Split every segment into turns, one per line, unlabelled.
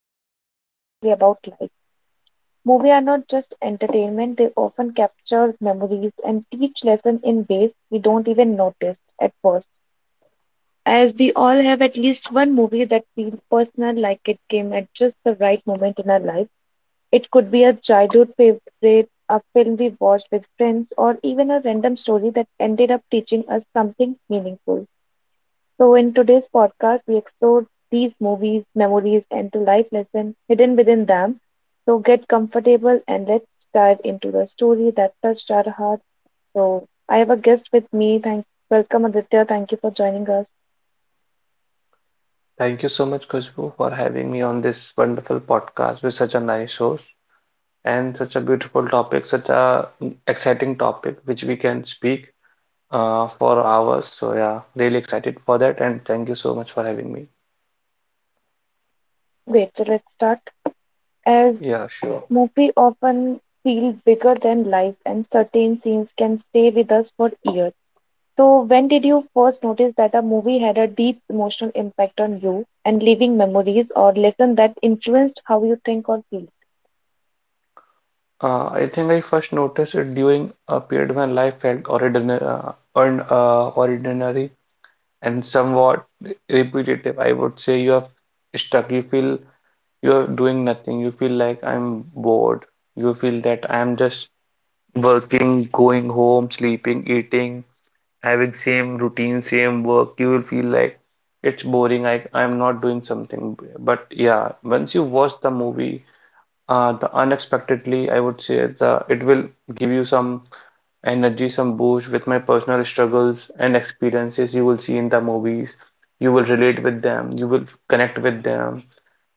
even think differently about life. Movies are not just entertainment, they often capture memories and teach lessons in ways we don't even notice at first. As we all have at least one movie that feels personal, like it came at just the right moment in our life. It could be a childhood favorite, a film we watched with friends, or even a random story that ended up teaching us something meaningful. So, in today's podcast, we explore these movies, memories, and the life lessons hidden within them. So, get comfortable and let's dive into the story that touched our hearts. So, I have a guest with me. Welcome Aditya. Thank you for joining us.
Thank you so much, much for having me on this wonderful podcast with such a nice host and such a beautiful topic, such a exciting topic which we can speak speak for hours so yeah really excited for that and thank you so much for having me.
Great. So, let's start. As
Yeah, sure.
movies often feel bigger than life, and certain scenes can stay with us for years. So, when did you first notice that a movie had a deep emotional impact on you and leaving memories or lessons that influenced how you think or feel?
I think I first noticed it during a period when life felt ordinary, ordinary and somewhat repetitive. I would say you are stuck. You feel you're doing nothing. You feel like I'm bored. You feel that I'm just working, going home, sleeping, eating, having same routine, same work. You will feel like it's boring. I'm not doing something. But yeah, once you watch the movie, the unexpectedly, I would say the it will give you some energy, some boost with my personal struggles and experiences you will see in the movies. You will relate with them. You will connect with them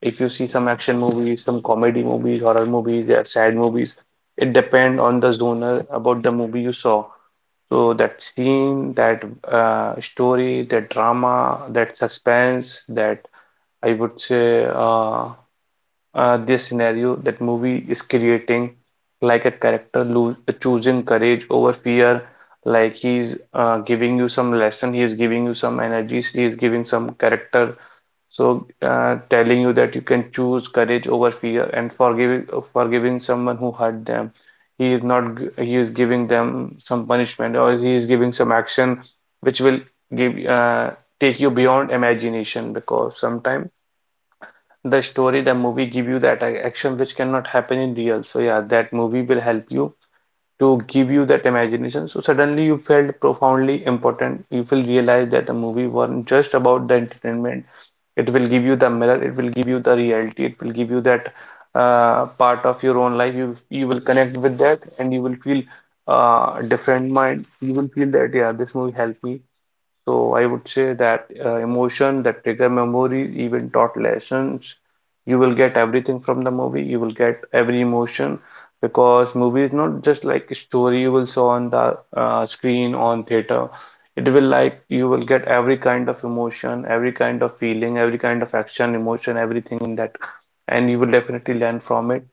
if you see some action movies, some comedy movies, horror movies, they are sad movies. It depend on the genre about the movie you saw. So that scene, that story, that drama, that suspense, that I would say this scenario that movie is creating, like a character lose, choosing courage over fear, like he's giving you some lesson, he is giving you some energies, he is giving some character so, telling you that you can choose courage over fear and forgiving someone who hurt them. He is not g- He is giving them some punishment or he is giving some action which will give take you beyond imagination because sometimes the story, the movie give you that action which cannot happen in real. So yeah, that movie will help you to give you that imagination. So suddenly you felt profoundly important. You will realize that the movie wasn't just about the entertainment, it will give you the mirror, it will give you the reality, it will give you that part of your own life. You will connect with that and you will feel different mind. You will feel that yeah, this movie helped me. So I would say that emotion, that trigger memory, even taught lessons. You will get everything from the movie. You will get every emotion because movie is not just like a story you will saw on the screen on theater. It will like you will get every kind of emotion, every kind of feeling, every kind of action, emotion, everything in that, and you will definitely learn from it.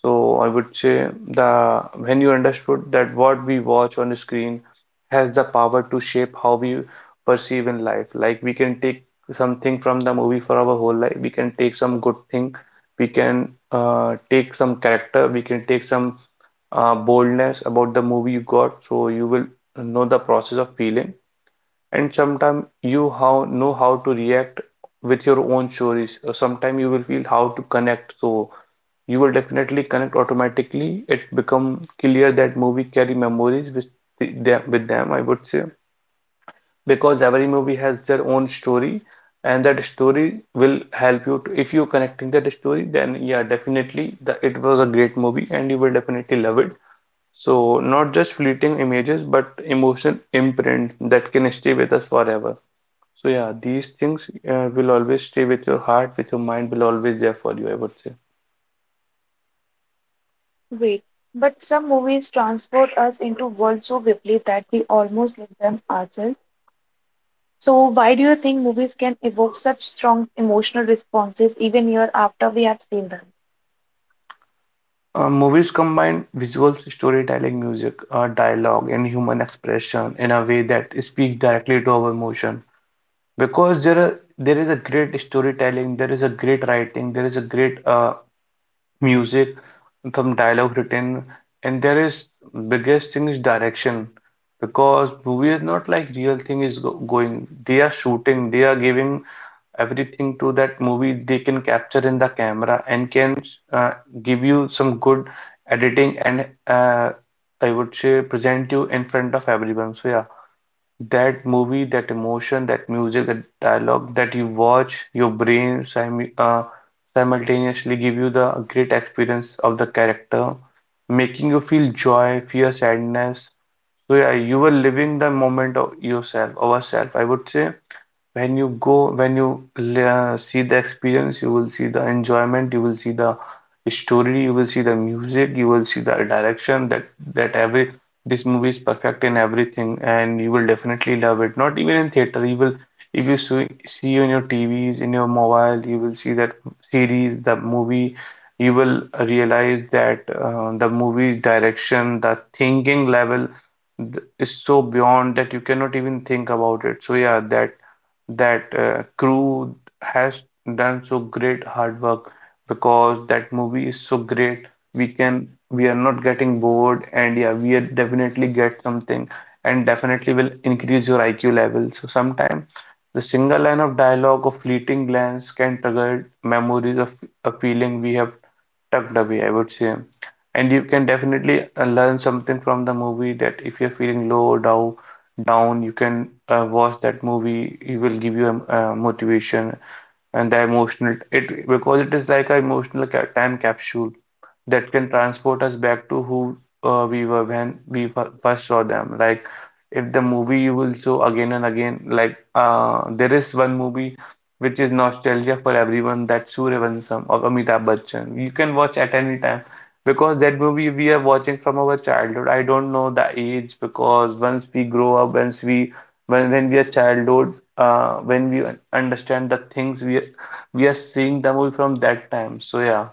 So I would say the when you understood that what we watch on the screen has the power to shape how we perceive in life. Like we can take something from the movie for our whole life. We can take some good thing. We can take some character. We can take some boldness about the movie you got. So you will know the process of feeling. And sometimes you how know how to react with your own stories. Sometimes you will feel how to connect. So you will definitely connect automatically. It become clear that movie carry memories with them, I would say, because every movie has their own story, and that story will help you to, if you're connecting that story, then yeah, definitely the, it was a great movie, and you will definitely love it. So not just fleeting images, but emotional imprint that can stay with us forever. So yeah, these things will always stay with your heart, with your mind, will always there for you, I would say.
Wait, but some movies transport us into worlds so vividly that we almost live them ourselves. So, why do you think movies can evoke such strong emotional responses even year after we have seen them?
Movies combine visuals, storytelling, music, dialogue, and human expression in a way that speaks directly to our emotion. Because there are, there is a great storytelling, there is a great writing, there is a great music, some dialogue written, and there is biggest thing is direction. Because movie is not like real thing is go going. They are shooting, they are giving everything to that movie they can capture in the camera and can uh, give you some good editing and I would say present you in front of everyone. So yeah, that movie, that emotion, that music, that dialogue that you watch, your brain simultaneously give you the great experience of the character, making you feel joy, fear, sadness. So yeah, you were living the moment of yourself, ourself, I would say when you go when you see the experience you will see the enjoyment you will see the story you will see the music you will see the direction that that every this movie is perfect in everything and you will definitely love it not even in theater you will if you see on your TVs in your mobile you will see that series the movie you will realize that the movie's direction the thinking level is so beyond that you cannot even think about it. So yeah, that crew has done so great hard work because that movie is so great we are not getting bored and yeah we are definitely get something and definitely will increase your IQ level so sometimes the single line of dialogue or fleeting glance can trigger memories of a feeling we have Dubbie, I would say. And you can definitely learn something from the movie that if you're feeling low, or down, you can watch that movie. It will give you a, motivation and the emotional it because it is like an emotional ca time capsule that can transport us back to who we were when we first saw them. Like if the movie you will show again and again, like there is one movie which is nostalgia for everyone, that's Sooryavansham of Amitabh Bachchan. You can watch at any time because that movie we are watching from our childhood. I don't know the age because once we grow up, once we when we are childhood, when we understand the things we are seeing the movie from that time. So yeah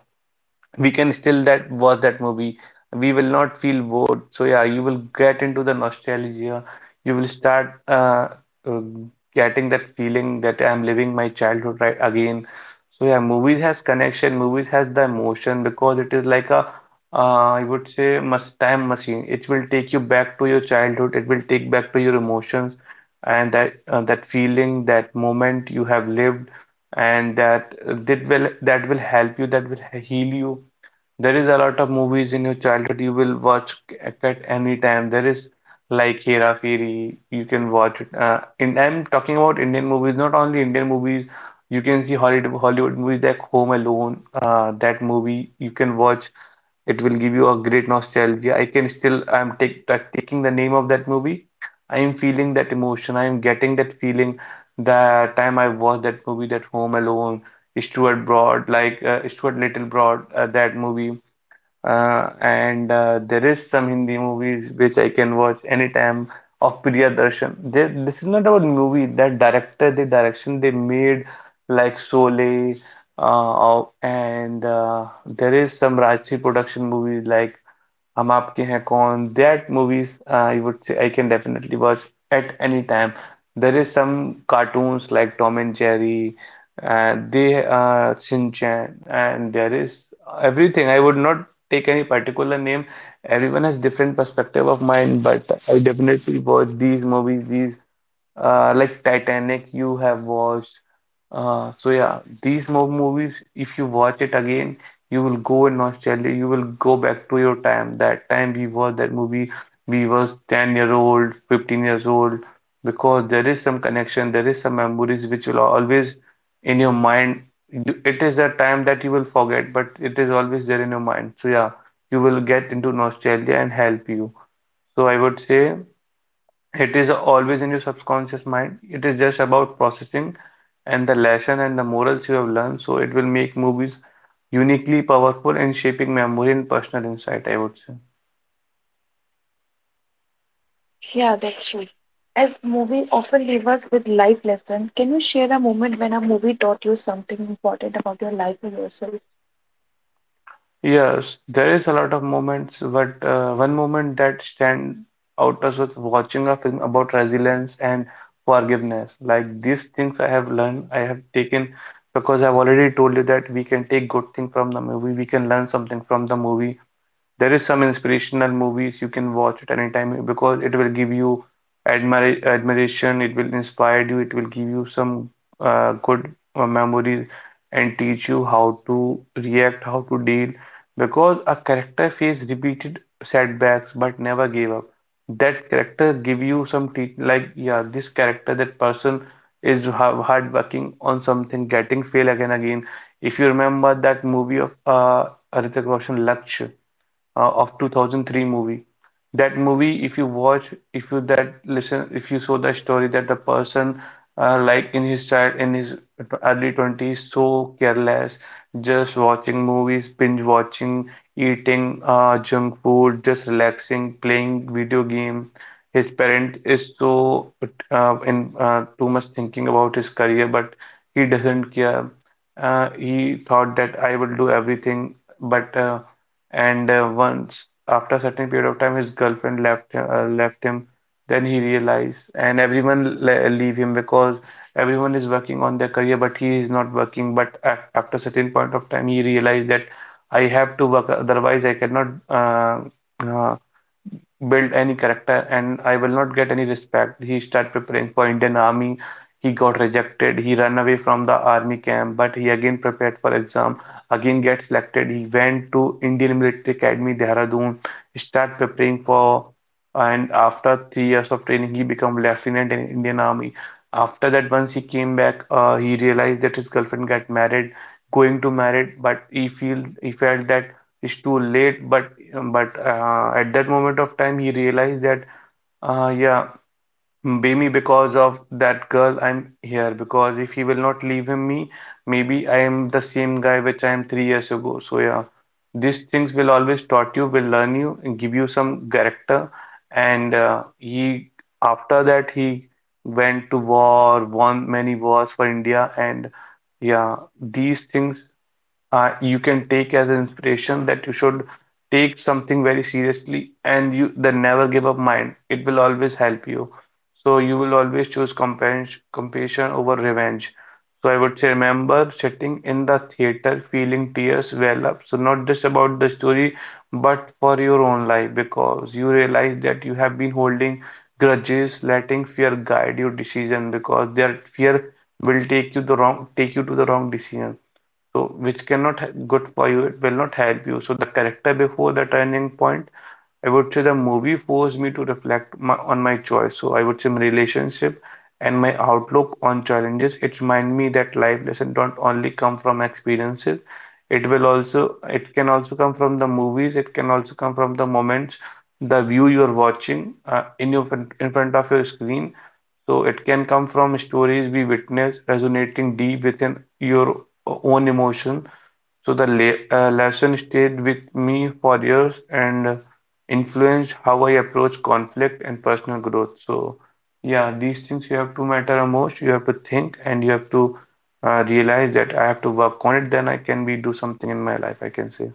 we can still that watch that movie. We will not feel bored. So yeah, you will get into the nostalgia. You will start getting that feeling that I'm living my childhood right again. So yeah, movies has connection. Movies has the emotion because it is like a I would say must time machine. It will take you back to your childhood. It will take back to your emotions and that that feeling, that moment you have lived and that will help you that will heal you there is a lot of movies in your childhood you will watch at any time. There is like Hera Fairy, you can watch it. In I'm talking about Indian movies, not only Indian movies. You can see Hollywood movies like Home Alone. That movie you can watch. It will give you a great nostalgia. I can still I'm taking the name of that movie. I am feeling that emotion. I am getting that feeling. The time I watched that movie, that Home Alone. Stuart Broad, like Stuart Little Broad, that movie. And There is some Hindi movies which I can watch anytime of Priyadarshan. They, this is not about movie, that director, the direction they made, like Sholay, of- and there is some Rajshri production movies like Hum Aapke हैं कौन? That movies I would say I can definitely watch at any time. There is some cartoons like Tom and Jerry, they Shin Chan, and there is everything. I would not take any particular name. Everyone has different perspective of mine, but I definitely watch these movies, these like Titanic you have watched. So yeah, these mo movies, if you watch it again, you will go in nostalgia. You will go back to your time. That time we watched that movie, we was 10-year-old, 15 years old, because there is some connection, there is some memories which will always in your mind. You, it is the time that you will forget, but it is always there in your mind. So yeah, you will get into nostalgia and help you. So I would say. It is always in your subconscious mind. It is just about processing and the lesson and the morals you have learned. So it will make movies uniquely powerful in shaping memory and personal insight, I would say.
Yeah, that's true. As movie often leave us with life lesson, can you share a moment when a movie taught you something important about your life or yourself?
Yes, there is a lot of moments, but one moment that stand out as was watching a film about resilience and forgiveness. Like these things I have learned, I have taken because I've already told you that we can take good thing from the movie, we can learn something from the movie. There is some inspirational movies you can watch at any time because it will give you admiration, it will inspire you, it will give you some good memories and teach you how to react, how to deal. Because a character faced repeated setbacks but never gave up. That character give you some te like yeah, this character, that person is hard working on something, getting fail again again. If you remember that movie of Hrithik Roshan, Lakshya of 2003 movie. That movie, if you watch, if you that listen, if you saw the story that the person, like in his child, in his early 20s, so careless, just watching movies, binge watching, eating junk food, just relaxing, playing video game. His parent is so in too much thinking about his career, but he doesn't care. He thought that I will do everything, but and once after a certain period of time his girlfriend left him, left him. Then he realized and everyone le leave him because everyone is working on their career but he is not working but at, after a certain point of time he realized that I have to work otherwise I cannot uh, build any character and I will not get any respect. He start preparing for Indian Army. He got rejected. He ran away from the army camp, but he again prepared for exam. Again get selected. He went to Indian Military Academy, Dehradun. Start preparing for and after 3 years of training, he became lieutenant in Indian Army. After that, once he came back, he realized that his girlfriend got married, going to married, but he felt that it's too late. But at that moment of time, he realized that, yeah, maybe because of that girl, I'm here. Because if he will not leave him me, maybe I am the same guy which I am 3 years ago. So yeah, these things will always taught you, will learn you, and give you some character. And after that, he went to war, won many wars for India, and yeah, these things you can take as an inspiration that you should take something very seriously and you the never give up mind. It will always help you. So you will always choose compassion, compassion over revenge. So I would say remember sitting in the theater feeling tears well up. So not just about the story, but for your own life because you realize that you have been holding grudges, letting fear guide your decision because their fear will take you to the wrong decision so which cannot good for you, it will not help you. So the character before the turning point, I would say the movie forced me to on my choice. So I would say my relationship and my outlook on challenges. It remind me that life lessons don't only come from experiences. It will also, it can also come from the movies. It can also come from the moments, the view you're watching in your in front of your screen. So it can come from stories we witness resonating deep within your own emotion. So the le lesson stayed with me for years and influenced how I approach conflict and personal growth. So, yeah, these things you have to matter the most. You have to think and you have to realize that I have to work on it. Then I can be do something in my life, I can say.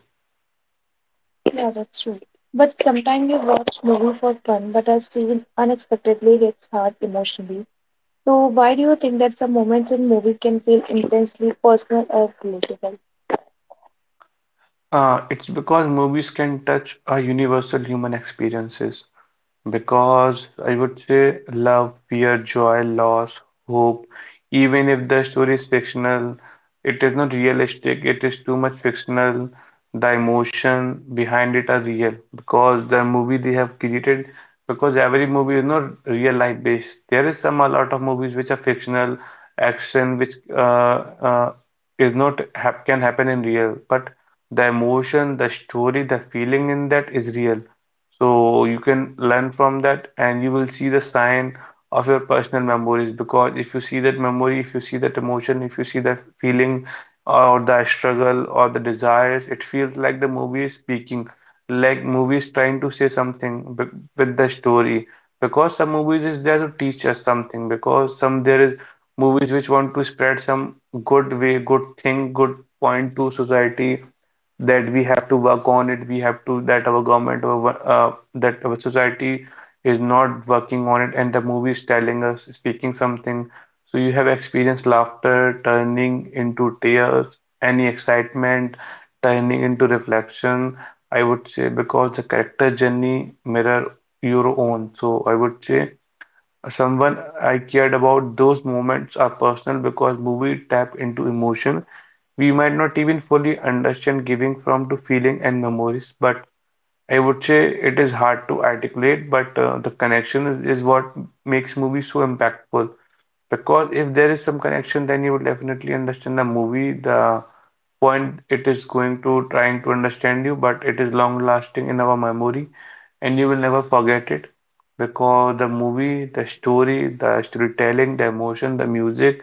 Yeah, that's true. But sometimes we watch movie for fun, but a scene unexpectedly hits hard emotionally. So why do you think that some moments in movie can feel intensely personal or relatable?
It's because movies can touch a universal human experiences. Because I would say love, fear, joy, loss, hope, even if the story is fictional, it is not realistic, it is too much fictional. The emotion behind it are real because the movie they have created, because every movie is not real life based. There is some a lot of movies which are fictional, action which uh, is not hap can happen in real, but the emotion, the story, the feeling in that is real. So you can learn from that and you will see the sign of your personal memories because if you see that memory, if you see that emotion, if you see that feeling or the struggle or the desires, it feels like the movie is speaking, like movie is trying to say something b with the story. Because some movies is there to teach us something, because some there is movies which want to spread some good way, good thing, good point to society that we have to work on it, we have to that our government or that our society is not working on it and the movie is telling us speaking something. So you have experienced laughter turning into tears, any excitement turning into reflection, I would say because the character journey mirror your own. So I would say someone I cared about those moments are personal because movie tap into emotion we might not even fully understand, giving from to feeling and memories. But I would say it is hard to articulate, but uh, is what makes movies so impactful. Because if there is some connection, then you would definitely understand the movie, the point it is going to trying to understand you, but it is long lasting in our memory and you will never forget it. Because the movie, the story, the storytelling, the emotion, the music,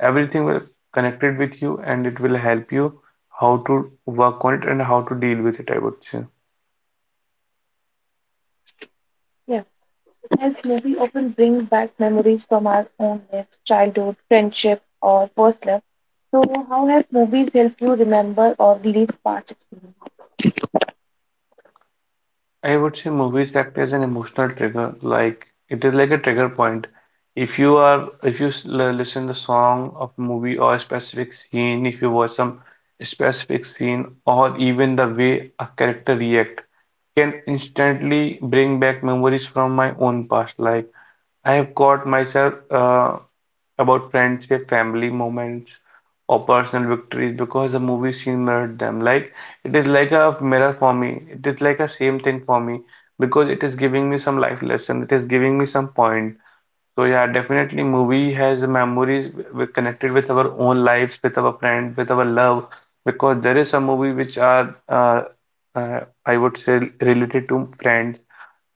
everything will connected with you and it will help you how to work on it and how to deal with it, I would say.
Yeah, as movie often bring back memories from our own lives, childhood, friendship, or first love. So how have movies helped you remember or relive past experiences?
I would say movies act as an emotional trigger. Like it is like a trigger point. If you are, if you listen the song of movie or a specific scene, if you watch some specific scene, or even the way a character react, can instantly bring back memories from my own past. Like I have caught myself. About friendship, family moments, or personal victories because the movie scene mirrored them. Like it is like a mirror for me. It is like a same thing for me because it is giving me some life lesson. It is giving me some point. So yeah, definitely movie has memories we connected with our own lives, with our friend, with our love, because there is some movie which are uh, I would say related to friends.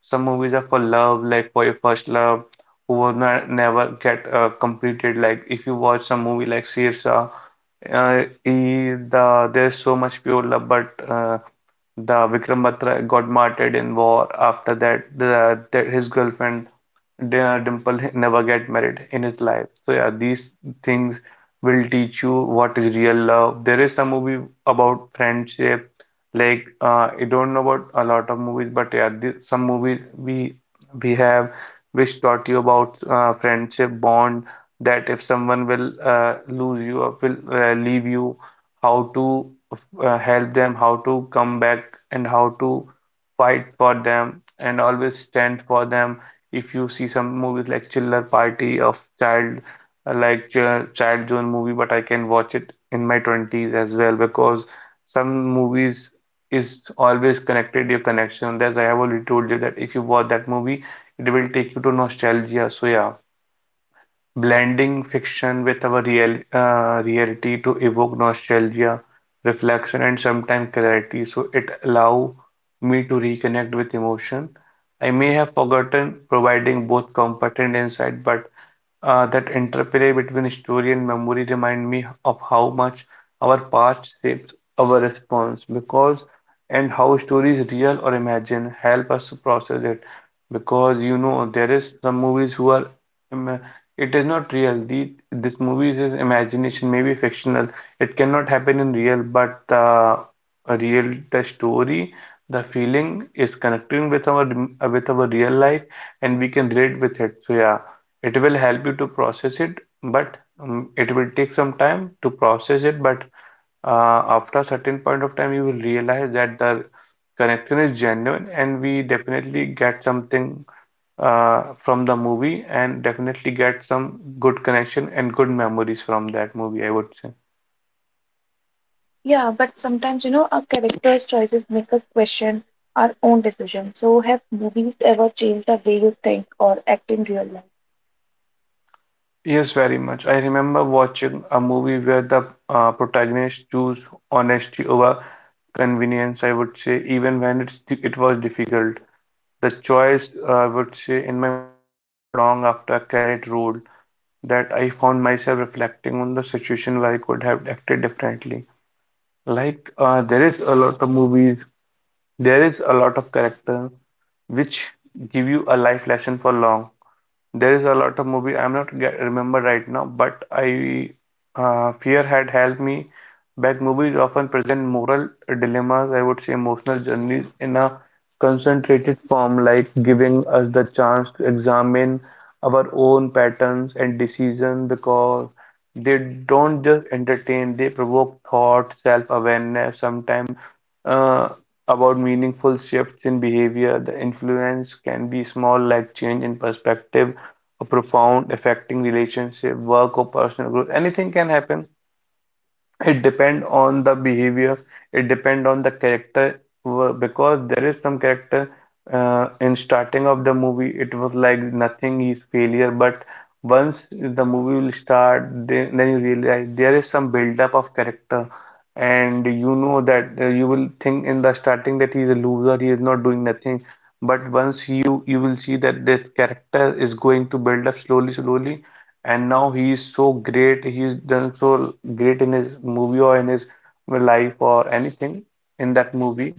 Some movies are for love, like for your first love, who will not never get completed. Like if you watch some movie like Sirsa, he, the there's so much pure love, but the Vikram Batra got martyred in war. After that, his girlfriend Dimple never get married in his life. So yeah, these things will teach you what is real love. There is some movie about friendship. Like I don't know about a lot of movies, but yeah, th some movies we have which taught you about friendship bond. That if someone will lose you or will leave you, how to help them, how to come back and how to fight for them and always stand for them. If you see some movies like Chiller Party of Child, Child Zone movie, but I can watch it in my 20s as well because some movies is always connected your connection. As I have already told you that if you watch that movie, it will take you to nostalgia. So yeah, blending fiction with our real, reality to evoke nostalgia, reflection, and sometimes clarity. So it allow me to reconnect with emotion I may have forgotten, providing both comfort and insight. But that interplay between story and memory remind me of how much our past shapes our response, because and how stories real or imagined help us to process it. Because you know there is some movies who are um, it is not real. This movie is his imagination, maybe fictional. It cannot happen in real, but the real, the story, the feeling is connecting with our real life, and we can relate with it. So yeah, it will help you to process it, but it will take some time to process it. But after a certain point of time, you will realize that the connection is genuine, and we definitely get something from the movie and definitely get some good connection and good memories from that movie, I would say.
Yeah, but sometimes, you know, our characters' choices make us question our own decisions. So, have movies ever changed the way you think or act in real life?
Yes, very much. I remember watching a movie where the protagonist chose honesty over convenience, I would say, even it was difficult. The choice, I would say, in my mind long after credit rolled, that I found myself reflecting on the situation where I could have acted differently. Like, there is a lot of movies, there is a lot of character which give you a life lesson for long. There is a lot of movie I'm not remember right now, but I fear had helped me. Back movies often present moral dilemmas, I would say emotional journeys in a concentrated form, like giving us the chance to examine our own patterns and decisions because they don't just entertain, they provoke thought, self-awareness, sometimes uh, about meaningful shifts in behavior, the influence can be small, like change in perspective, or profound, affecting relationship, work, or personal growth. Anything can happen, it depend on the behavior, it depend on the character because there is some character in starting of the movie it was like nothing is failure, but once the movie will start, then you realize there is some build up of character, and you know that you will think in the starting that he is a loser, he is not doing nothing. But once you will see that this character is going to build up slowly slowly, and now he is so great, he's done so great in his movie or in his life or anything in that movie.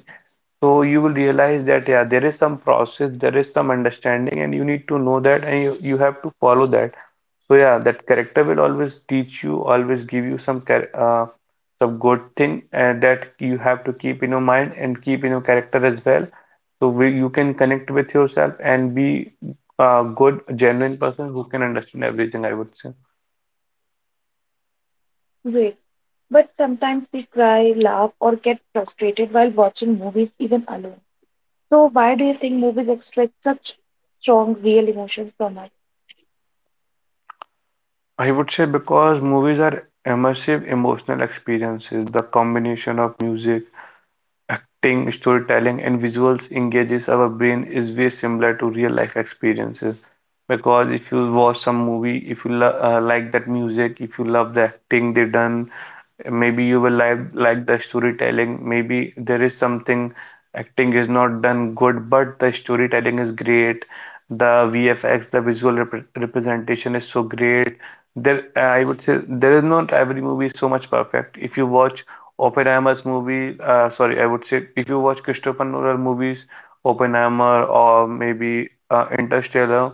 So you will realize that yeah, there is some process, there is some understanding and you need to know that, and you have to follow that. So yeah, that character will always teach you, always give you some some good thing that you have to keep in your mind and keep in your character as well. So you can connect with yourself and be a good, genuine person who can understand everything, I would say.
Wait, but sometimes we cry, laugh, or get frustrated while watching movies, even alone. So, why do you think movies extract such strong, real emotions from us?
I would say because movies are immersive emotional experiences, the combination of music, acting, storytelling, and visuals engages our brain is very similar to real life experiences. Because if you watch some movie, if you lo like that music, if you love the acting they done, maybe you will like the storytelling. Maybe there is something acting is not done good, but the storytelling is great. The VFX, the visual rep representation is so great. There, I would say there is not every movie so much perfect. If you watch I would say if you watch Christopher Nolan movies, Oppenheimer or maybe Interstellar,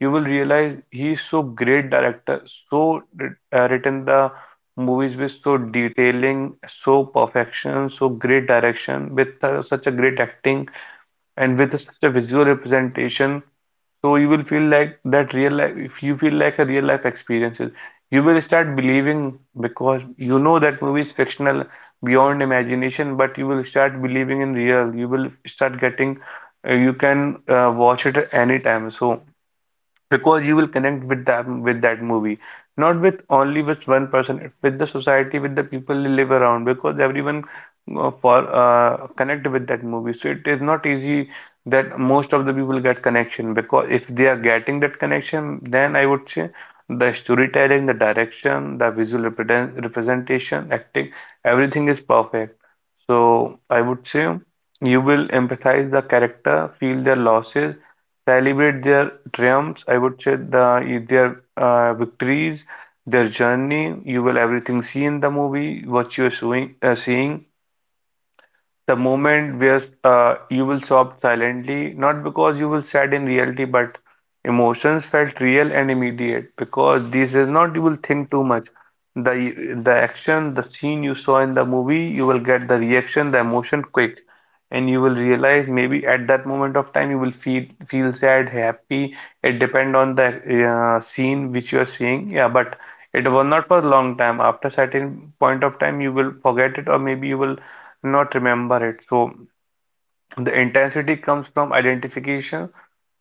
you will realize he is so great director, so written the movies with so detailing, so perfection, so great direction, with such a great acting and with such a visual representation. So you will feel like that real life, if you feel like a real life experiences, you will start believing because you know that movie is fictional beyond imagination, but you will start believing in real. You will start getting, you can watch it anytime. So because you will connect with them with that movie, not with only with one person, with the society, with the people you live around, because everyone for connect with that movie, so it is not easy that most of the people get connection. Because if they are getting that connection, then I would say the storytelling, the direction, the representation, acting, everything is perfect. So I would say you will empathize the character, feel their losses, celebrate their triumphs, I would say their victories, their journey. You will everything see in the movie what you're seeing, the moment where you will sob silently, not because you will sad in reality, but emotions felt real and immediate. Because this is not you will think too much. The action, the scene you saw in the movie, you will get the reaction, the emotion quick, and you will realize maybe at that moment of time you will feel sad, happy. It depend on the scene which you are seeing. Yeah, but it was not for long time. After certain point of time, you will forget it, or maybe you will not remember it. So the intensity comes from identification.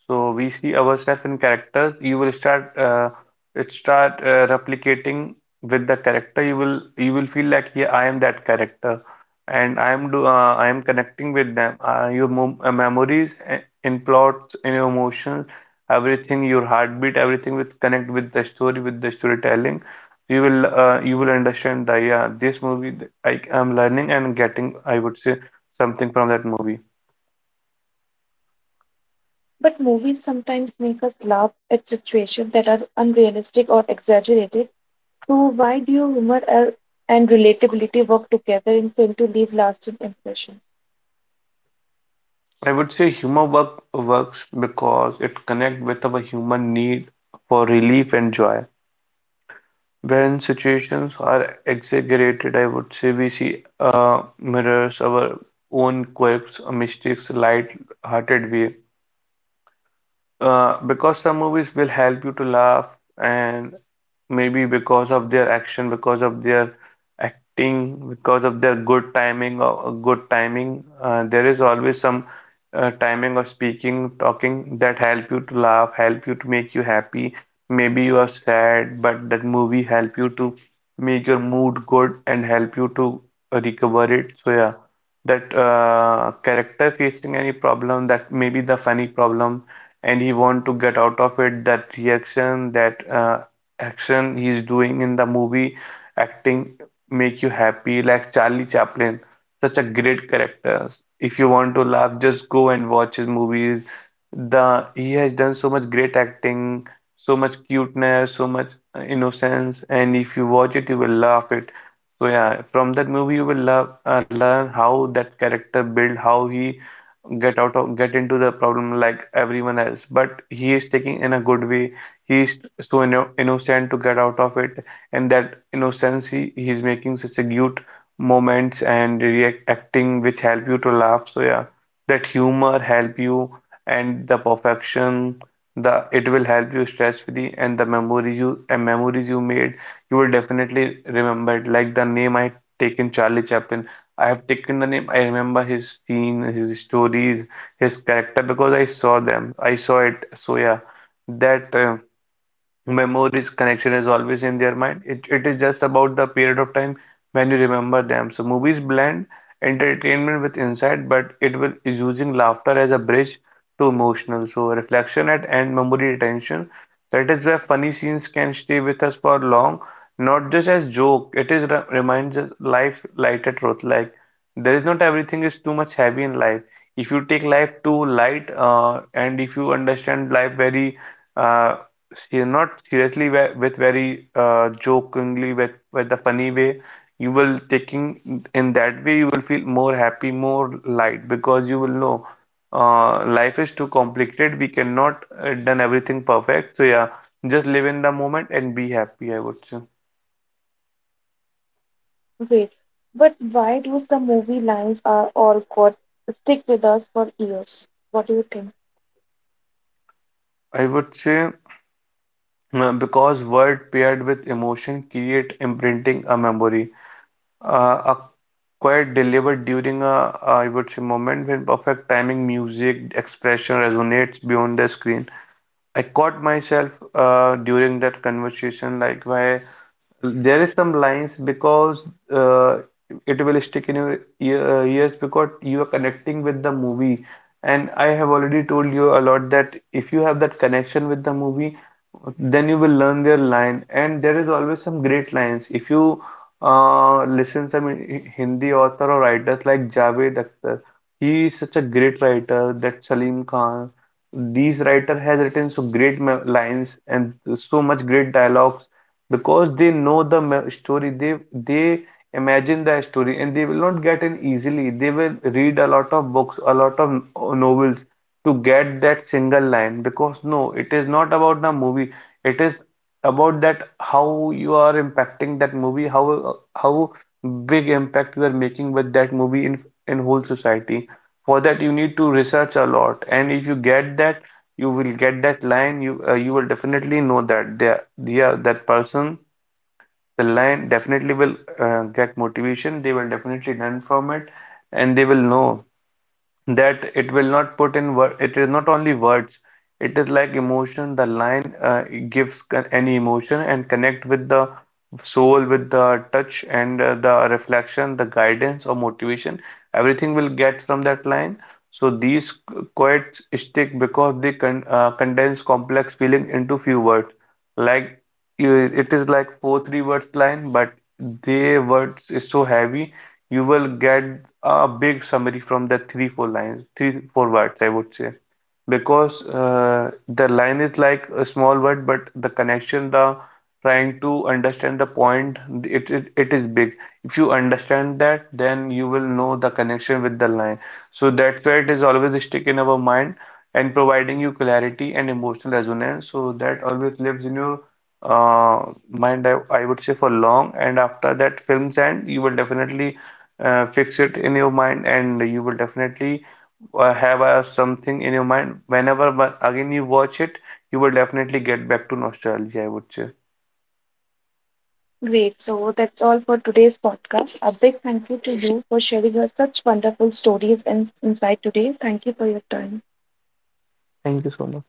So we see ourselves in characters. You will start it start replicating with the character. You will feel like yeah, I am that character, and I am connecting with them. Your memories in plots, in your emotions, everything, your heartbeat, everything will connect with the story, with the storytelling. You will understand that yeah, I am learning and getting, I would say, something from that movie.
But movies sometimes make us laugh at situations that are unrealistic or exaggerated. So, why do humor and relatability work together in film to leave lasting impressions?
I would say humor works because it connects with our human need for relief and joy. When situations are exaggerated, I would say we see mirrors our own quirks, mistakes, light-hearted way. Because some movies will help you to laugh, and maybe because of their action, because of their acting, because of their good timing, there is always some timing or speaking, talking that help you to laugh, help you to make you happy. Maybe you are sad, but that movie help you to make your mood good and help you to recover it. So yeah, that character facing any problem, that maybe the funny problem, and he want to get out of it. That reaction, that action he's doing in the movie, acting, make you happy, like Charlie Chaplin, such a great character. If you want to laugh, just go and watch his movies. The he has done so much great acting, so much cuteness, so much innocence, and if you watch it you will laugh it. So yeah, from that movie you will learn how that character built, how he get out of get into the problem like everyone else, but he is taking in a good way. He is so innocent to get out of it, and that innocence, he's making such a cute moments and reacting which help you to laugh. So yeah, that humor help you, and the perfection, the it will help you stress free, and the memories you made you will definitely remember it. Like the name I taken, Charlie Chaplin, I have taken the name. I remember his scene, his stories, his character because I saw them. I saw it. So yeah, that memories connection is always in their mind. It is just about the period of time when you remember them. So movies blend entertainment with insight, but it will is using laughter as a bridge to emotional so reflection at end memory retention. That is where funny scenes can stay with us for long, not just as joke. It is re reminds us life lighter truth, like there is not everything is too much heavy in life. If you take life too light, and if you understand life very uh, not seriously, with very jokingly, with the funny way you will taking, in that way you will feel more happy, more light, because you will know, uh, life is too complicated, we cannot done everything perfect. So yeah, just live in the moment and be happy, I would say.
Wait, but why do some movie lines are all got stick with us for years? What do you think?
I would say because word paired with emotion create imprinting a memory, a quiet delivered during a, I would say, moment when perfect timing, music, expression resonates beyond the screen. I caught myself during that conversation, like why there is some lines. Because uh, it will stick in your ears because you are connecting with the movie. And I have already told you a lot that if you have that connection with the movie, then you will learn their line. And there is always some great lines. If you listen some Hindi author or writers like Javed Akhtar, he is such a great writer, that Salim Khan, these writer has written so great lines and so much great dialogues, because they know the story, they imagine the story and they will not get in easily. They will read a lot of books, a lot of novels, to get that single line. Because no, it is not about the movie, it is about that how you are impacting that movie, how big impact you are making with that movie, in whole society. For that you need to research a lot, and if you get that, you will get that line. You you will definitely know that the yeah, that person, the line definitely will get motivation, they will definitely learn from it, and they will know that it will not put in word, it is not only words, it is like emotion. The line gives any emotion and connect with the soul, with the touch, and the reflection, the guidance or motivation, everything will get from that line. So these quotes stick because they condense complex feeling into few words. Like you, it is like four three words line, but their words is so heavy. You will get a big summary from that three four lines three four words, I would say. Because the line is like a small word, but the connection, the trying to understand the point, it it is big. If you understand that, then you will know the connection with the line. So that's why it is always stick in our mind, and providing you clarity and emotional resonance, so that always lives in your uh, mind, I would say, for long. And after that films end, you will definitely fix it in your mind, and you will definitely have something in your mind, whenever but again you watch it, you will definitely get back to nostalgia, I would say.
Great. So that's all for today's podcast. A big thank you to you for sharing your such wonderful stories and insight today. Thank you for your time.
Thank you so much.